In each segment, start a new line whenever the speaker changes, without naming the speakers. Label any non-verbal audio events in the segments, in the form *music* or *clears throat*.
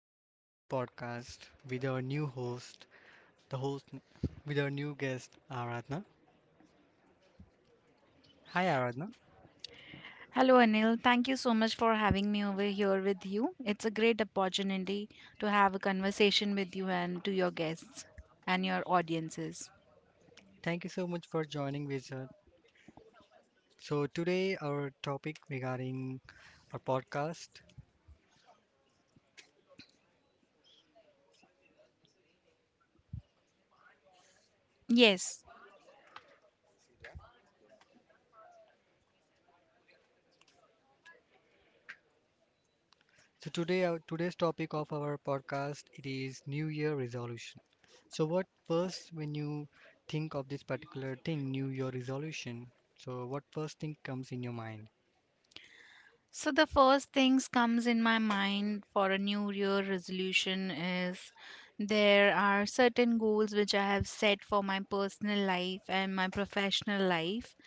back to our new podcast with our new host, the host n- with our new guest Aradhna. Hi, Aradhna.
Hello, Anil. Thank you so much for having me over here with you. It's a great opportunity to have a conversation with you and to your guests and your audiences.
Thank you so much for joining with us. So today our topic regarding our podcast.
Yes.
So today's topic of our podcast it is New Year resolution. So what first when you think of this particular thing, New Year resolution? So what first thing comes in your mind?
So the first things comes in my mind for a new year resolution is there are certain goals which I have set for my personal life and my professional life.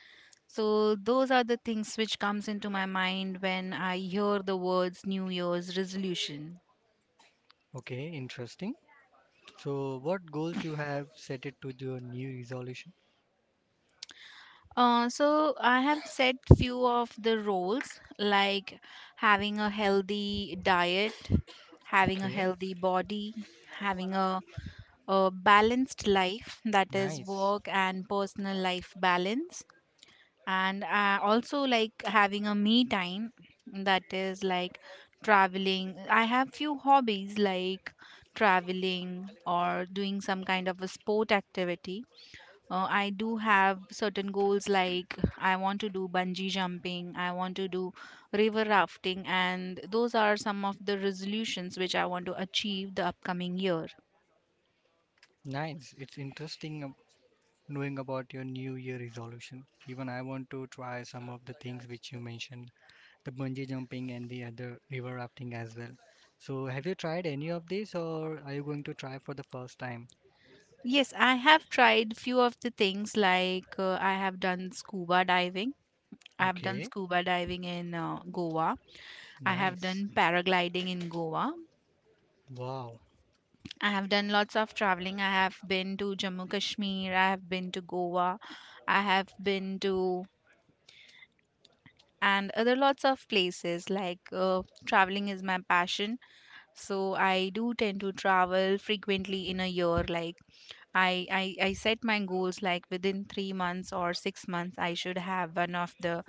So those are the things which comes into my mind when I hear the words new year's resolution.
Okay, interesting. So what goals you have set it to your new resolution?
So I have set few of the roles like having a healthy diet, having a
Okay,
healthy body, having a balanced life, that is
nice,
work and personal life balance, and also like having a me time, that is like traveling. I have few hobbies like traveling or doing some kind of a sport activity. I do have certain goals like I want to do bungee jumping, I want to do river rafting, and those are some of the resolutions which I want to achieve the upcoming year.
nice. It's interesting knowing about your New Year resolution. Even I want to try some of the things which you mentioned, the bungee jumping and the other river rafting as well. So, have you tried any of these, or are you going to try for the first time?
Yes, I have tried few of the things like I have done scuba diving. I have done
Okay,
scuba diving in Goa. I have
nice.
done paragliding in Goa.
Wow,
I have done lots of traveling. I have been to Jammu Kashmir. I have been to Goa. I have been to and other lots of places like traveling is my passion, so I do tend to travel frequently in a year. Like I set my goals like within 3 months or 6 months I should have one of the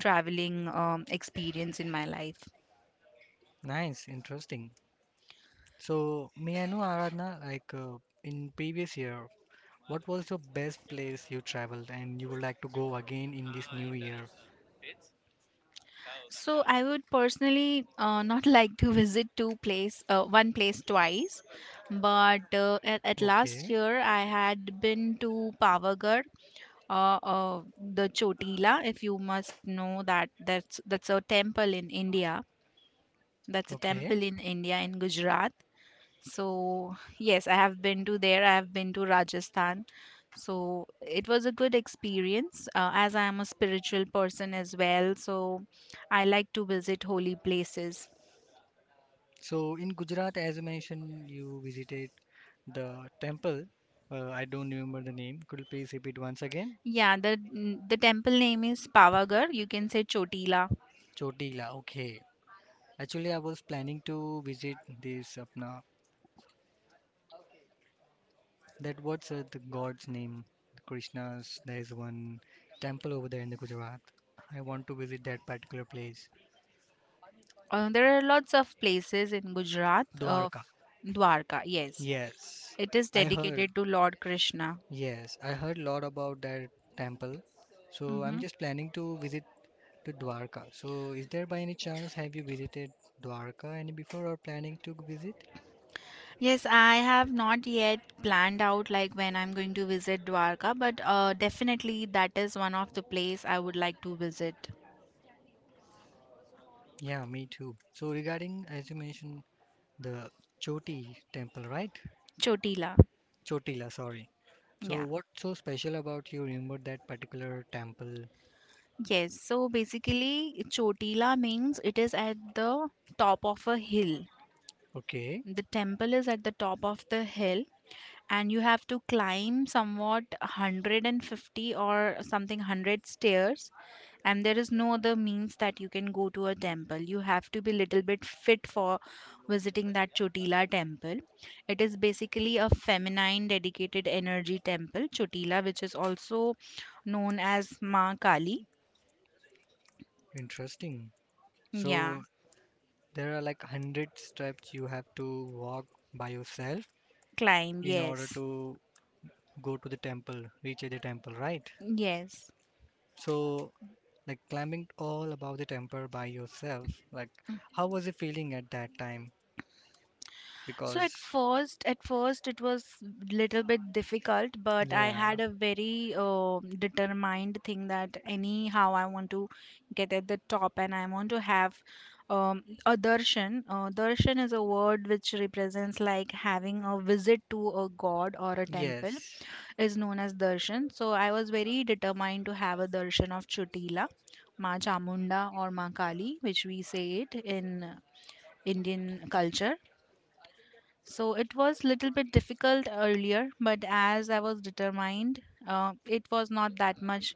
traveling experience in my life.
nice, interesting. So, may I know, Aradhana, like in previous year, what was the best place you traveled and you would like to go again in this new year?
So I would personally not *laughs* like to visit two place, one place twice, but at last
Okay.
year I had been to pavagadh, the Chotila. If you must know, that's a temple in India. That's a
Okay.
temple in India, in Gujarat. So yes, I have been to there. I have been to Rajasthan. So it was a good experience, as I am a spiritual person as well. So I like to visit holy places.
So in Gujarat, as I mentioned, you visited the temple. I don't remember the name. Could you please repeat once again?
Yeah, the temple name is Pavagarh. You can say Chotila.
Chotila. Okay. Actually, I was planning to visit this apna. That what's the god's name? Krishna's. There is one temple over there in the Gujarat. I want to visit that particular place.
There are lots of places in Gujarat of
Dwarka.
Dwarka. Yes,
Yes.
it is
I heard.
dedicated to Lord Krishna.
Yes, I heard a lot about that temple. So I'm
Hmm.
just planning to visit to Dwarka. So, is there by any chance have you visited Dwarka any before or planning to visit?
Yes, I have not yet planned out like when I'm going to visit Dwarka, but definitely that is one of the place I would like to visit.
Yeah, me too. So, regarding as you mentioned the Choti temple, right?
Chotila.
Chotila, sorry. So,
Yeah.
what's so special about you remember that particular temple?
Yes. So basically, Chotila means it is at the top of a hill.
Okay,
The temple is at the top of the hill, and you have to climb somewhat 150 or something 100 stairs, and there is no other means that you can go to a temple. You have to be little bit fit for visiting that chotila temple. It is basically a feminine dedicated energy temple, chotila, which is also known as ma kali.
interesting.
Yeah.
So, there are like 100 steps you have to walk by yourself
Climb,
in order
yes.
to go to the temple, reach at the temple, right?
Yes.
So, like climbing all above the temple by yourself, like how was you feeling at that time
So at
because
first, at first it was little bit difficult, but I
yeah,
had a very determined thing that anyhow I want to get at the top, and I want to have a darshan. Darshan is a word which represents like having a visit to a god or a temple
yes,
is known as darshan. So I was very determined to have a darshan of Chutila, Ma Chamunda or Ma Kali, which we say it in Indian culture. So it was little bit difficult earlier, but as I was determined, it was not that much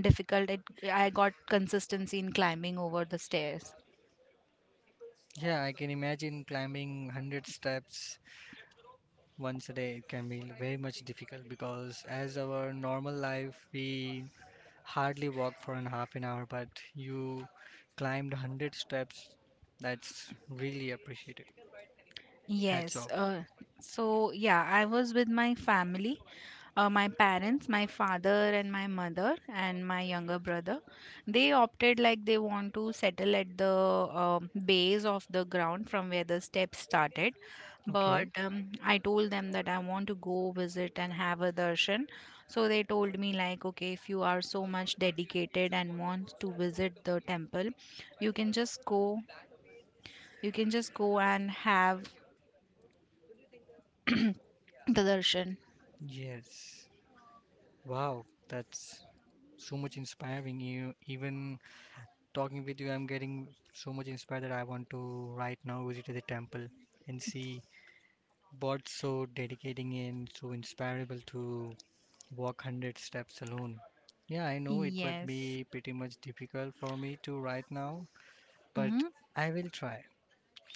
difficult. It, I got consistency in climbing over the stairs.
yeah, I can imagine climbing 100 steps once a day. It can be very much difficult because as our normal life we hardly walk for an half an hour, but you climbed 100 steps. That's really appreciated. Hats
Yes.
off.
So yeah, I was with my family, my parents, my father and my mother and my younger brother. They opted like they want to settle at the base of the ground from where the steps started. But
Okay.
I told them that I want to go visit and have a darshan. So they told me, like, okay, if you are so much dedicated and want to visit the temple, you can just go, you can just go and have the darshan.
Yes. Wow. That's so much inspiring you. Even talking with you, I'm getting so much inspired that I want to right now visit the temple and see what's so dedicating and so inspirable to walk 100 steps alone. Yeah, I know it would
Yes.
be pretty much difficult for me to right now, but
Mm-hmm.
I will try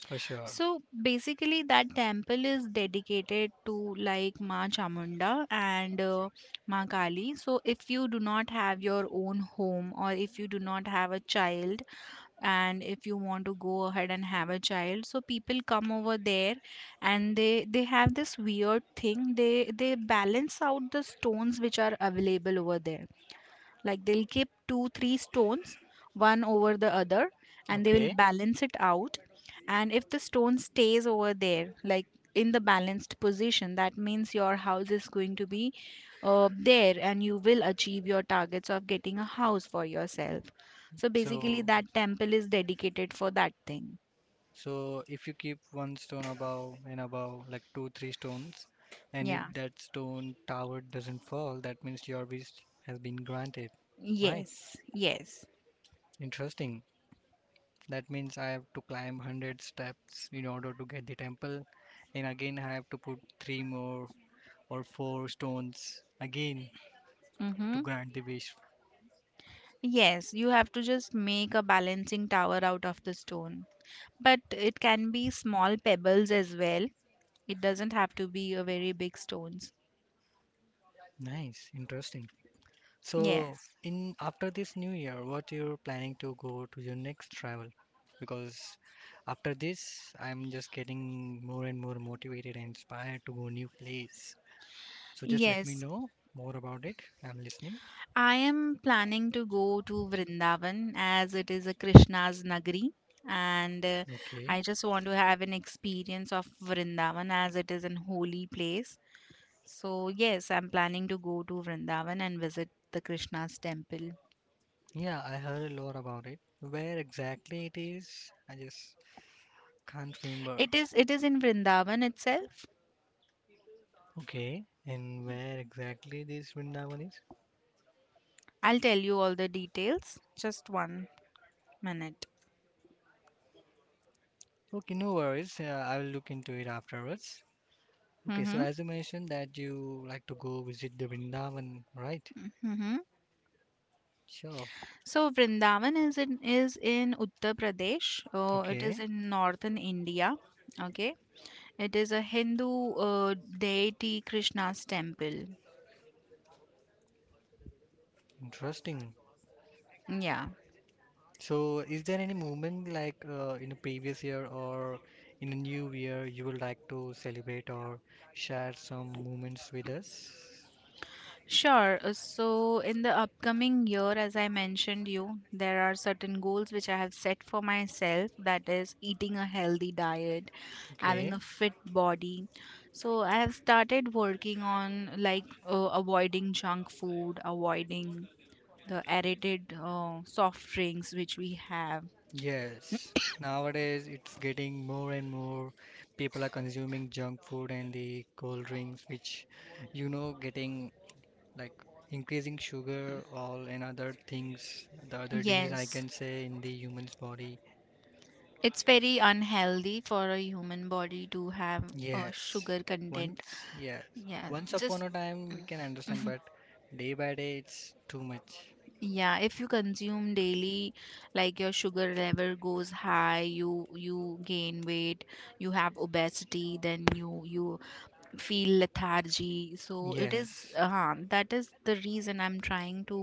for sure.
So basically, that temple is dedicated to like Ma Chamunda and Ma Kali. So if you do not have your own home, or if you do not have a child, and if you want to go ahead and have a child, so people come over there and they have this weird thing. They balance out the stones which are available over there. Like they'll keep two, three stones, one over the other, and they will
Okay.
balance it out. And if the stone stays over there, like in the balanced position, that means your house is going to be there, and you will achieve your targets of getting a house for yourself. So basically,
So,
that temple is dedicated for that thing.
so, if you keep one stone above and above, like two, three stones, and if
Yeah.
that stone tower doesn't fall, that means your wish has been granted. Right.
Yes. Yes.
Interesting. That means I have to climb 100 steps in order to get the temple, and again I have to put three more or four stones again to
Mm-hmm.
grant the wish.
Yes, you have to just make a balancing tower out of the stone. But it can be small pebbles as well. It doesn't have to be a very big stones.
Nice, interesting. So,
Yes.
in after this new year, what you're planning to go to your next travel? Because after this, I'm just getting more and more motivated and inspired to go new place. So just let me
Yes.
know more about it. I'm listening.
I am planning to go to Vrindavan, as it is a Krishna's Nagari, and
Okay.
I just want to have an experience of Vrindavan, as it is an holy place. So yes, I'm planning to go to Vrindavan and visit the Krishna's temple.
Yeah, I heard a lot about it. Where exactly it is, I just can't remember.
It is in Vrindavan itself.
Okay, and where exactly this Vrindavan is?
I'll tell you all the details. Just 1 minute.
Okay, no worries. I will look into it afterwards. Okay, so
Mm-hmm.
as you mentioned that you like to go visit the Vrindavan, right?
Mm-hmm.
Sure.
So Vrindavan is in Uttar Pradesh. It is
Okay,
in northern India. Okay. It is a Hindu deity Krishna's temple.
interesting.
Yeah.
So, is there any moment like in a previous year or in a new year you would like to celebrate or share some moments with us?
Sure. So in the upcoming year, as I mentioned you, there are certain goals which I have set for myself. That is eating a healthy diet,
Okay.
having a fit body. So I have started working on like avoiding junk food, avoiding the aerated soft drinks which we have.
Yes, nowadays it's getting more and more people are consuming junk food and the cold drinks, which getting like increasing sugar, all and other things, the other disease I
Yes,
can say in the human's body.
it's very unhealthy for a human body to have a
Yes,
sugar content.
yes,
Yeah,
once upon
just.
a time we
Mm.
can understand,
Mhm.
but day by day it's too much.
Yeah, if you consume daily, like your sugar level goes high, you gain weight, you have obesity, then you feel lethargy. So it is
Yes,
that is the reason I'm trying to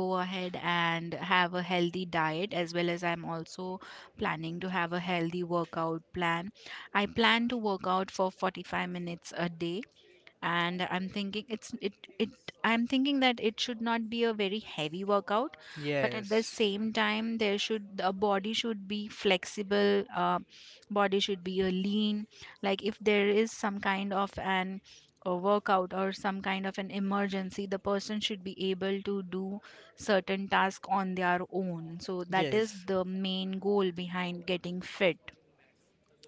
go ahead and have a healthy diet. As well as I'm also planning to have a healthy workout plan. I plan to work out for 45 minutes a day, and I'm thinking it's it it I'm thinking that it should not be a very heavy workout, but at the
yes,
same time there should the body should be flexible. Body should be a lean, like if there is some kind of an a workout or some kind of an emergency, the person should be able to do certain task on their own. So that is
yes.
the main goal behind getting fit.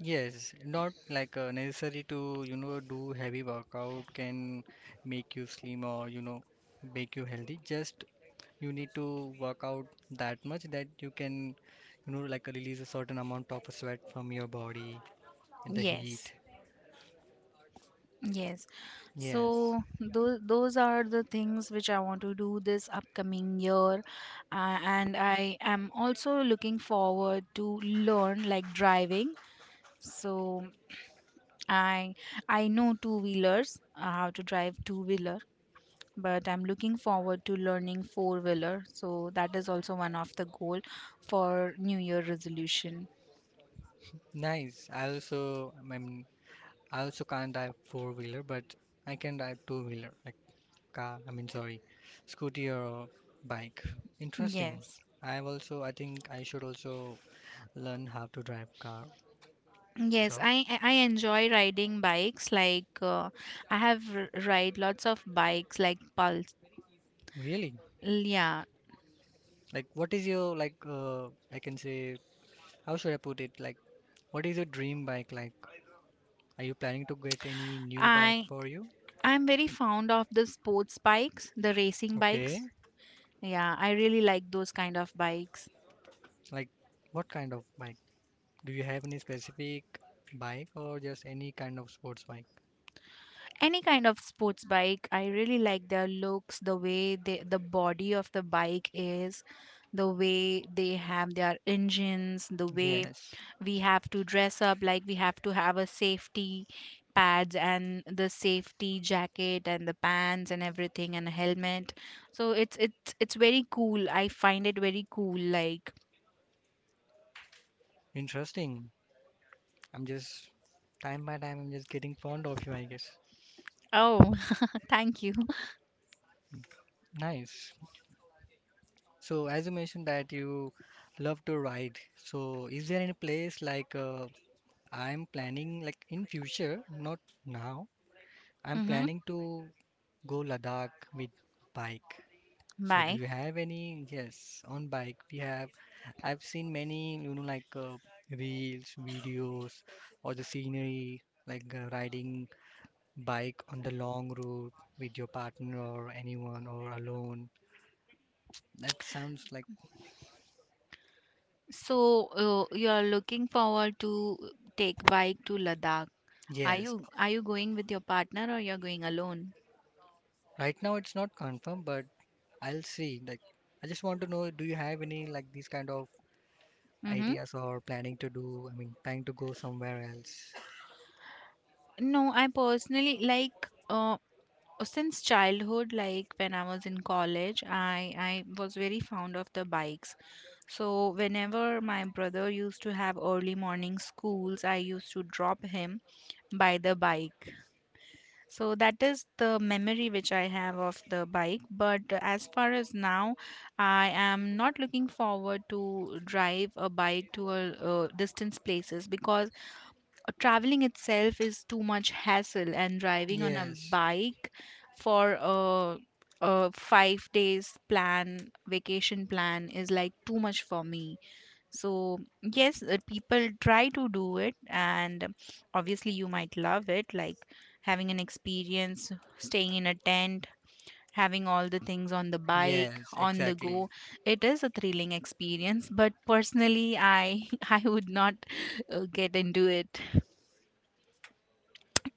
Yes, not like necessary to, do heavy workout can make you slim or, make you healthy. Just you need to work out that much that you can, like release a certain amount of sweat from your body in the
Yes.
heat.
Yes.
Yes,
So those are the things which I want to do this upcoming year. And I am also looking forward to learn like driving. So I I know two wheelers, how to drive two wheeler, but I'm looking forward to learning four wheeler. So that is also one of the goal for New Year resolution.
nice. I mean, I also can't drive four wheeler, but I can drive two wheeler, like car, I mean, sorry, scooty or bike. Interesting.
Yes.
I have also, I think I should also learn how to drive car.
Yes,
Sure.
I enjoy riding bikes. Like I have ride lots of bikes, like pulse.
Really?
Yeah,
Like, what is your like? I can say, how should I put it? Like, what is your dream bike like? Are you planning to get any new bike
I
for you?
I'm very fond of the sports bikes, the racing
Okay.
bikes. Yeah, I really like those kind of bikes.
Like, what kind of bike? Do you have any specific bike or just any kind of sports bike?
Any kind of sports bike, I really like their looks, the way they, the body of the bike is, the way they have their engines, the way
Yes.
we have to dress up. Like we have to have a safety pads and the safety jacket and the pants and everything and a helmet. So it's very cool. I find it very cool, like.
Interesting. I'm just time by time. I'm just getting fond of you, I guess.
Oh. *laughs* Thank you.
Nice. So, as you mentioned that you love to ride, so is there any place like I'm planning like in future, not now. I'm
Mm-hmm.
planning to go Ladakh with bike. So do you
Bike.
have any? Yes, on bike we have. I've seen many, like reels, videos, or the scenery, like riding bike on the long route with your partner or anyone or alone. That sounds like
So you're looking forward to take bike to ladakh. are
yes.
you are you going with your partner or you're going alone?
Right now it's not confirmed, but I'll see. Like I just want to know, do you have any like these kind of
Mm-hmm.
ideas or planning to do, I mean, planning to go somewhere else.
No, I personally like, uh, since childhood, like when I was in college, I was very fond of the bikes. So whenever my brother used to have early morning schools, I used to drop him by the bike. So that is the memory which I have of the bike. But as far as now, I am not looking forward to drive a bike to distance places, because traveling itself is too much hassle, and driving on a
Yes,
bike for a 5 days plan vacation plan is like too much for me. So yes, people try to do it, and obviously you might love it, like having an experience, staying in a tent, having all the things on the bike
yes,
on the
exactly.
go. It is a thrilling experience. But personally, I *laughs* I would not get into it.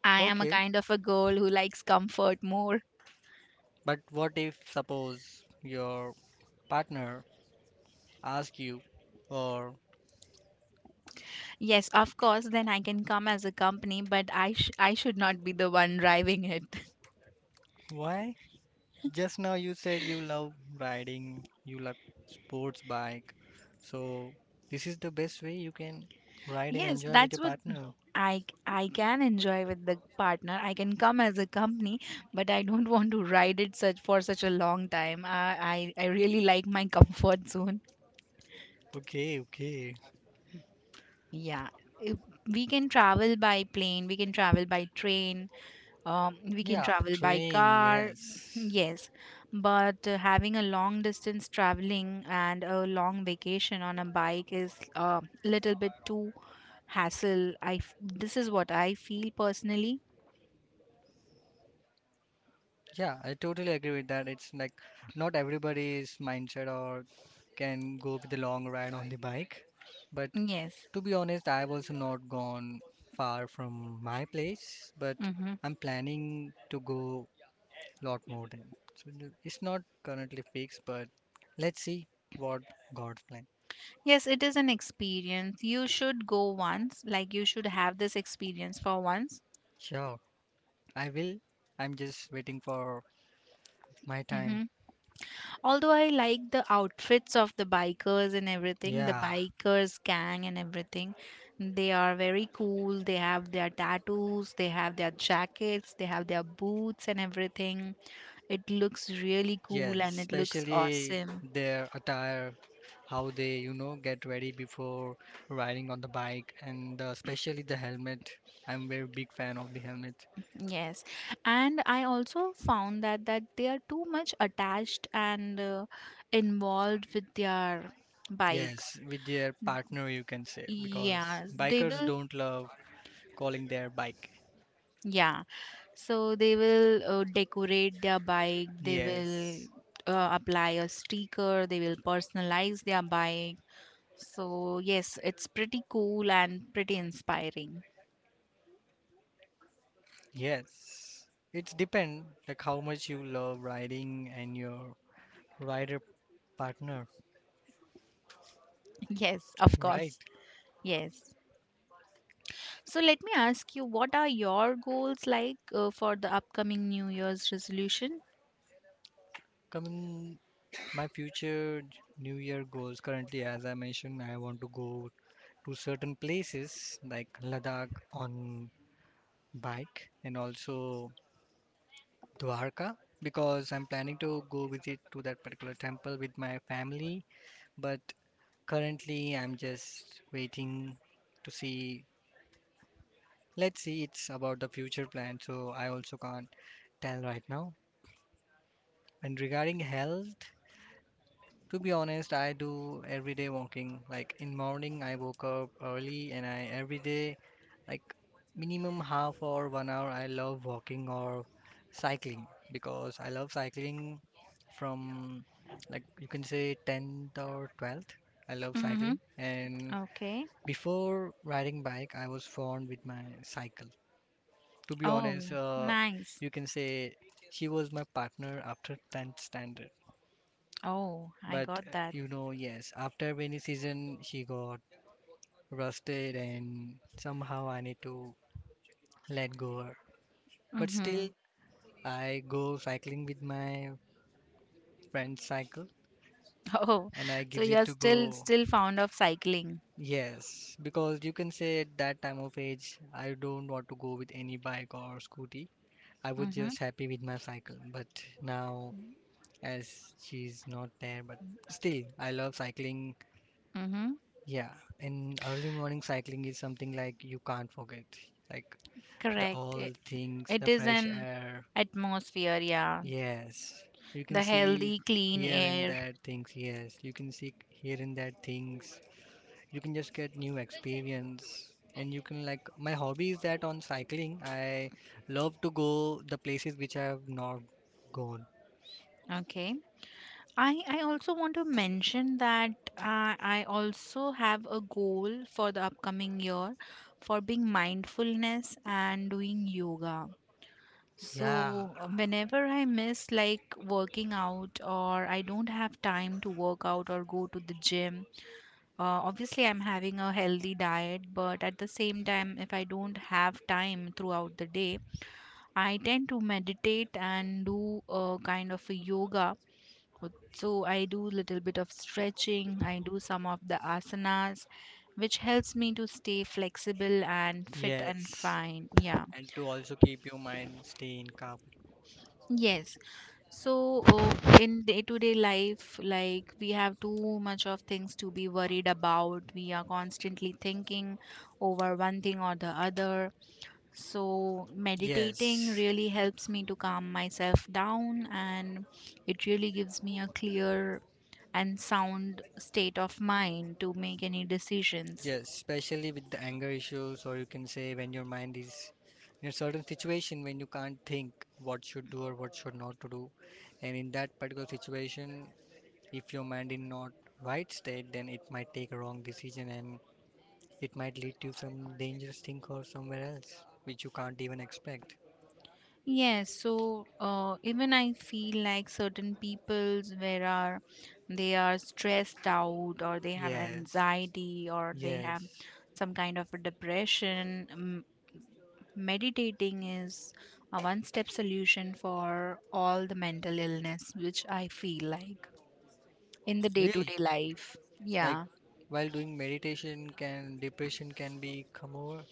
I am a
Okay,
kind of a girl who likes comfort more.
but what if, suppose, your partner asks you, or
Yes, of course, then I can come as a company, but I should not be the one driving it. *laughs*
why? Just now you said you love riding, you love sports bike, so this is the best way you can ride and
Yes,
enjoy with your
that's what
partner.
I can enjoy with the partner. I can come as a company, but I don't want to ride it such for such a long time. I really like my *laughs* comfort zone.
Okay, okay.
Yeah. If- We can travel by plane, we can travel by train, we can
Yeah, a
travel by
train,
car *laughs*
yes.
*clears throat* yes, but having a long distance traveling and a long vacation on a bike is a little bit too hassle. This is what I feel personally.
Yeah, I totally agree with that. It's like not everybody's mindset or can go with the long ride on the bike. But
Yes.
to be honest, I've also not gone far from my place, but
hmm
I'm planning to go a lot more than. So it's not currently fixed, but let's see what God's plan.
Yes, it is an experience. You should go once, like you should have this experience for once.
Sure, I will. I'm just waiting for my time.
Mhm. Although I like the outfits of the bikers and everything, the
Yeah.
bikers gang and everything, they are very cool. They have their tattoos, they have their jackets, they have their boots and everything. It looks really cool
Yes,
and it looks
especially
awesome.
their attire, how they, get ready before riding on the bike, and especially the helmet. I'm very big fan of the helmet.
Yes. And I also found that they are too much attached and involved with their
Yes,
bikes.
with their partner, you can say, because
Yeah, they
bikers
will.
don't love calling their bike.
Yeah, so they will decorate their bike, they will
Yes,
apply a sticker, they will personalize their bike. So, yes, it's pretty cool and pretty inspiring.
yes. It's depend like how much you love riding and your rider partner,
*laughs* Yes, of
right?
course. Yes. So, let me ask you, what are your goals like for the upcoming New Year's resolution?
Coming My future New Year goals currently, as I mentioned, I want to go to certain places like Ladakh on bike and also Dwarka because I'm planning to go visit to that particular temple with my family. But currently, I'm just waiting to see. Let's see, it's about the future plan, so I also can't tell right now. And regarding health, to be honest, I do everyday walking. Like in morning, I woke up early and I every day, like minimum half or 1 hour, I love walking or cycling because I love cycling from like you can say 10th or 12th. I love
Mm-hmm.
cycling and
Okay.
before riding bike, I was fond with my cycle. To be honest,
Oh, nice.
you can say she was my partner after 10th standard.
Oh, I
But
got that.
yes, after winning season, she got rusted, and somehow I need to let go her. But still,
Mm-hmm. *laughs*
I go cycling with my friend's cycle,
Oh,
and I
so
gives it
you're
to
still
go.
still fond of cycling.
Yes, because you can say at that time of age, I don't want to go with any bike or scooty. I was just
Mm-hmm.
happy with my cycle. But now, as she's not there, but still, I love cycling.
Mm-hmm.
Yeah, in early morning cycling is something like you can't forget. Like the
Correct.
all
It,
things,
it
the
is
fresh
an
air.
atmosphere, yeah.
Yes, you can
The
see
healthy, clean
here and
air.
there things. Yes, you can see here and there things. You can just get new experience. And you can like my hobby is that on cycling, I love to go the places which I have not gone.
Okay. I also want to mention that I also have a goal for the upcoming year for being mindfulness and doing yoga.
Yeah,
So, whenever I miss like working out or I don't have time to work out or go to the gym, obviously I'm having a healthy diet, but at the same time, if I don't have time throughout the day, I tend to meditate and do a kind of a yoga. So I do little bit of stretching, I do some of the asanas, which helps me to stay flexible and fit and
yes.
fine. Yeah.
And to also keep your mind stay in calm.
Yes. So in day-to-day life, like we have too much of things to be worried about. We are constantly thinking over one thing or the other. So, meditating
Yes.
really helps me to calm myself down and it really gives me a clear and sound state of mind to make any decisions.
Yes, especially with the anger issues, or you can say when your mind is in a certain situation when you can't think what should do or what should not to do. And in that particular situation, if your mind in not right state, then it might take a wrong decision and it might lead to some dangerous thing or somewhere else which you can't even expect.
Yes, so even I feel like certain people's where are they are stressed out or they have
Yes,
anxiety or they have
yes,
some kind of a depression. Meditating is a one step solution for all the mental illness which I feel like in the day to
really.
day life.
Like
Yeah.
while doing meditation, can depression can be come over?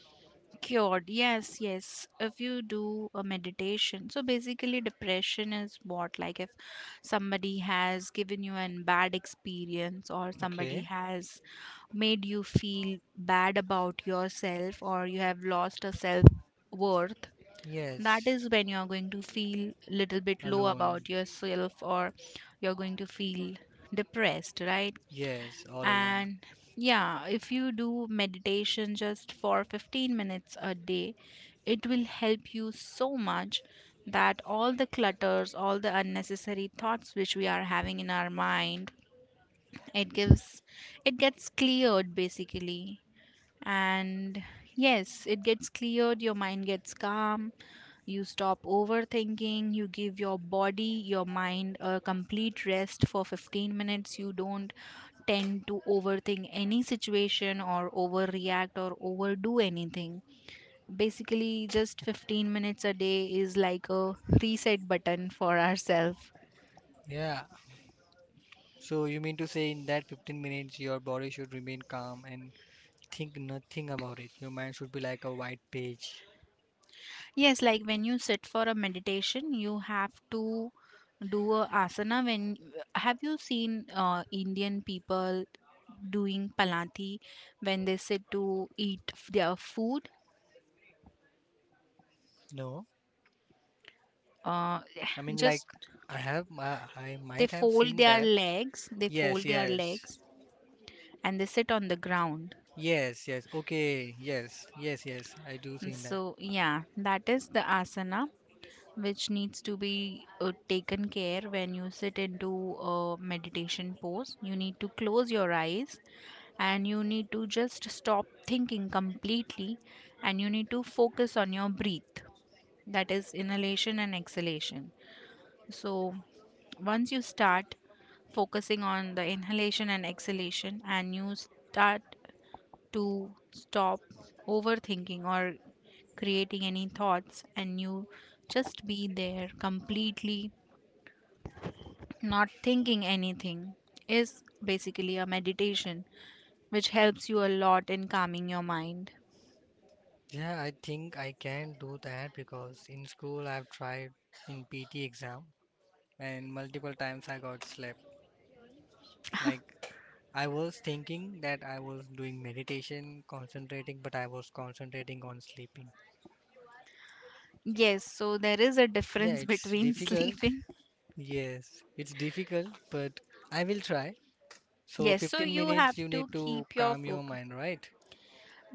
Cured. Yes, yes, if you do a meditation, so basically depression is what, like if somebody has given you an bad experience or somebody
Okay.
has made you feel bad about yourself or you have lost a self worth, that
Yes,
is when you're going to feel little bit low
alone.
about yourself or you're going to feel depressed, right?
Yes, all alone.
And, yeah, if you do meditation just for 15 minutes a day, it will help you so much that all the clutters, all the unnecessary thoughts which we are having in our mind, it gives it gets cleared basically. And yes, it gets cleared, your mind gets calm, you stop overthinking, you give your body, your mind a complete rest for 15 minutes. You don't tend to overthink any situation or overreact or overdo anything. Basically, just 15 minutes a day is like a reset button for ourselves.
Yeah. So you mean to say in that 15 minutes your body should remain calm and think nothing about it. Your mind should be like a white page.
Yes, like when you sit for a meditation, you have to do a asana. When have you seen Indian people doing palanti when they sit to eat their food?
No.
Uh,
I
*sighs*
mean like
just
I might have seen that.
they
Yes,
fold their
yes.
legs, and they sit on the ground.
Yes, yes. Okay. Yes. Yes, yes. I do seen that.
So yeah, that is the asana, which needs to be taken care when you sit into a meditation pose. You need to close your eyes and you need to just stop thinking completely and you need to focus on your breath, that is inhalation and exhalation. So, once you start focusing on the inhalation and exhalation and you start to stop overthinking or creating any thoughts and you just be there completely not thinking anything is basically a meditation which helps you a lot in calming your mind.
Yeah, I think I can do that because in school I've tried in PT exam and multiple times I got slapped. Like I was thinking that I was doing meditation, concentrating, but I was concentrating on sleeping.
Yes, so there is a
Yeah,
difference
it's
between *laughs*
difficult.
sleeping.
Yes, it's difficult, but I will try. So,
Yes, so
15
you
minutes
have
you
to
need to
keep your
calm your
focus.
mind, right?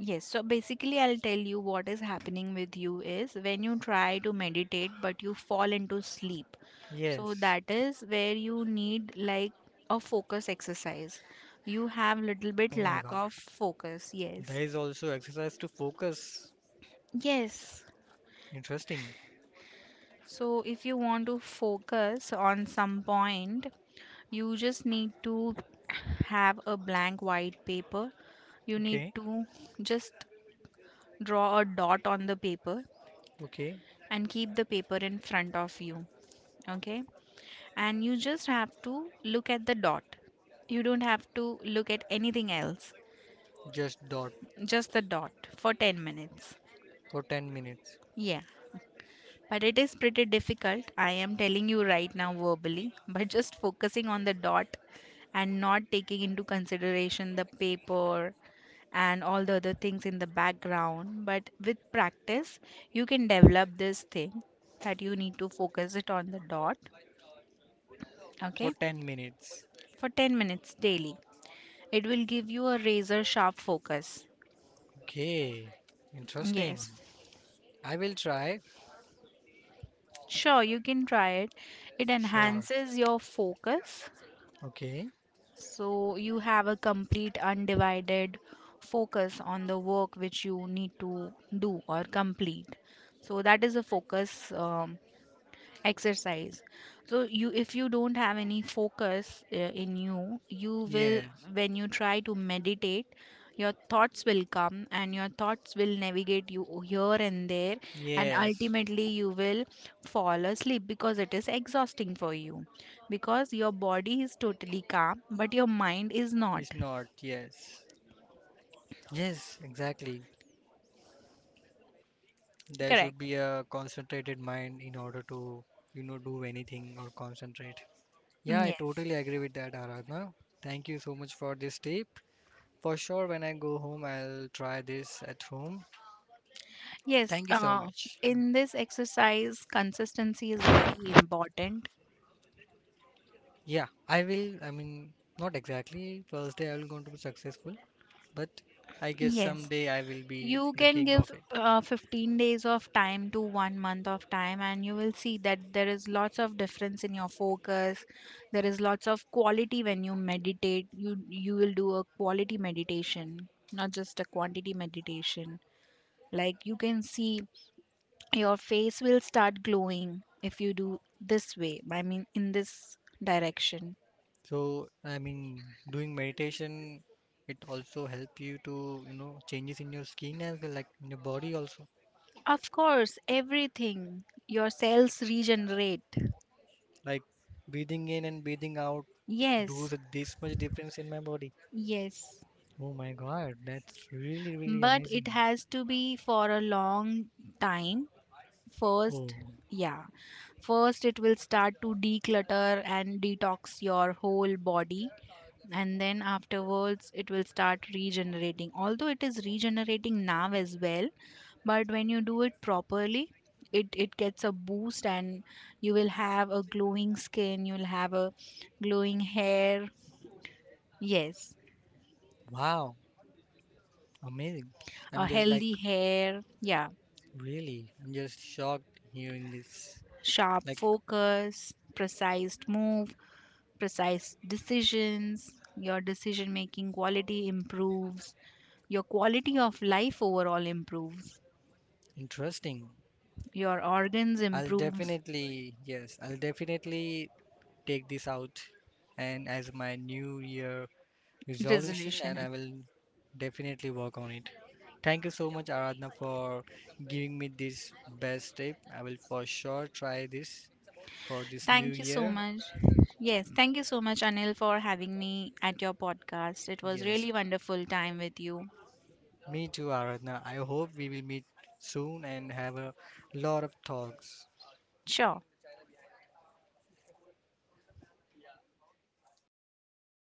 Yes, so basically I'll tell you what is happening with you is when you try to meditate but you fall into sleep. So
Yes.
that is where you need like a focus exercise, you have little bit
Oh my
lack
God.
of focus. Yes.
There is also exercise to focus.
Yes.
Interesting.
So, if you want to focus on some point, you just need to have a blank white paper. You need
Okay.
to just draw a dot on the paper
Okay.
and keep the paper in front of you. Okay, and you just have to look at the dot. You don't have to look at anything else,
Just dot
just the dot for 10 minutes.
for 10 minutes.
Yes. But it is pretty difficult, I am telling you right now verbally. But just focusing on the dot and not taking into consideration the paper and all the other things in the background. But with practice, you can develop this thing that you need to focus it on the dot,
For
okay,
10 minutes.
for 10 minutes daily. It will give you a razor sharp focus.
Okay.
Yes,
Interesting. I will try.
sure, you can try it. It
Sure.
enhances your focus.
Okay.
So you have a complete undivided focus on the work which you need to do or complete. So that is a focus exercise. So you if you don't have any focus in you, you will,
Yes.
when you try to meditate, your thoughts will come and your thoughts will navigate you here and there, and
Yes,
ultimately you will fall asleep because it is exhausting for you because your body is totally calm but your mind is
it's
not.
not. Yes. Yes, exactly. There should
Correct.
be a concentrated mind in order to, do anything or concentrate. Yeah, I
Yes.
totally agree with that, Aradhana. Thank you so much for this tip. For sure, when I go home, I'll try this at home.
Yes,
Thank you so much.
in this exercise consistency is very important.
Yeah, I will. I mean, not exactly first day I will going to be successful, but I guess
Yes,
someday I will be
you
the
can
king
give
of it.
15 days of time to 1 month of time and you will see that there is lots of difference in your focus, there is lots of quality when you meditate, you will do a quality meditation not just a quantity meditation, like you can see your face will start glowing if you do this way, I mean, in this direction.
So, I mean, doing meditation, it also help you to, changes in your skin as well, like in your body also.
Of course, everything, your cells regenerate.
Like breathing in and breathing out
Yes.
does this much difference in my body.
Yes,
Oh my God, that's really, really
but it
amazing.
has to be for a long time first.
Oh,
Yeah, first it will start to declutter and detox your whole body and then afterwards it will start regenerating, although it is regenerating now as well, but when you do it properly, it gets a boost and you will have a glowing skin, you'll have a glowing hair. Yes,
wow, amazing.
a
I'm just like,
healthy hair. Yeah.
really, I'm just shocked hearing this.
Sharp
Like,
focus, precise move, precise decisions, your decision making quality improves, your quality of life overall improves,
interesting.
your organs
I'll
improves
definitely, yes, I'll definitely take this out and as my new year resolution and I
resolution.
will definitely work on it. Thank you so much, Aradhana, for giving me this best tip. I will for sure try this for this new
Thank you so
year.
much. Yes, thank you so much Anil for having me at your podcast. It was
Yes,
really wonderful time with you.
me too, Aradhana. I hope we will meet soon and have a lot of talks.
Sure.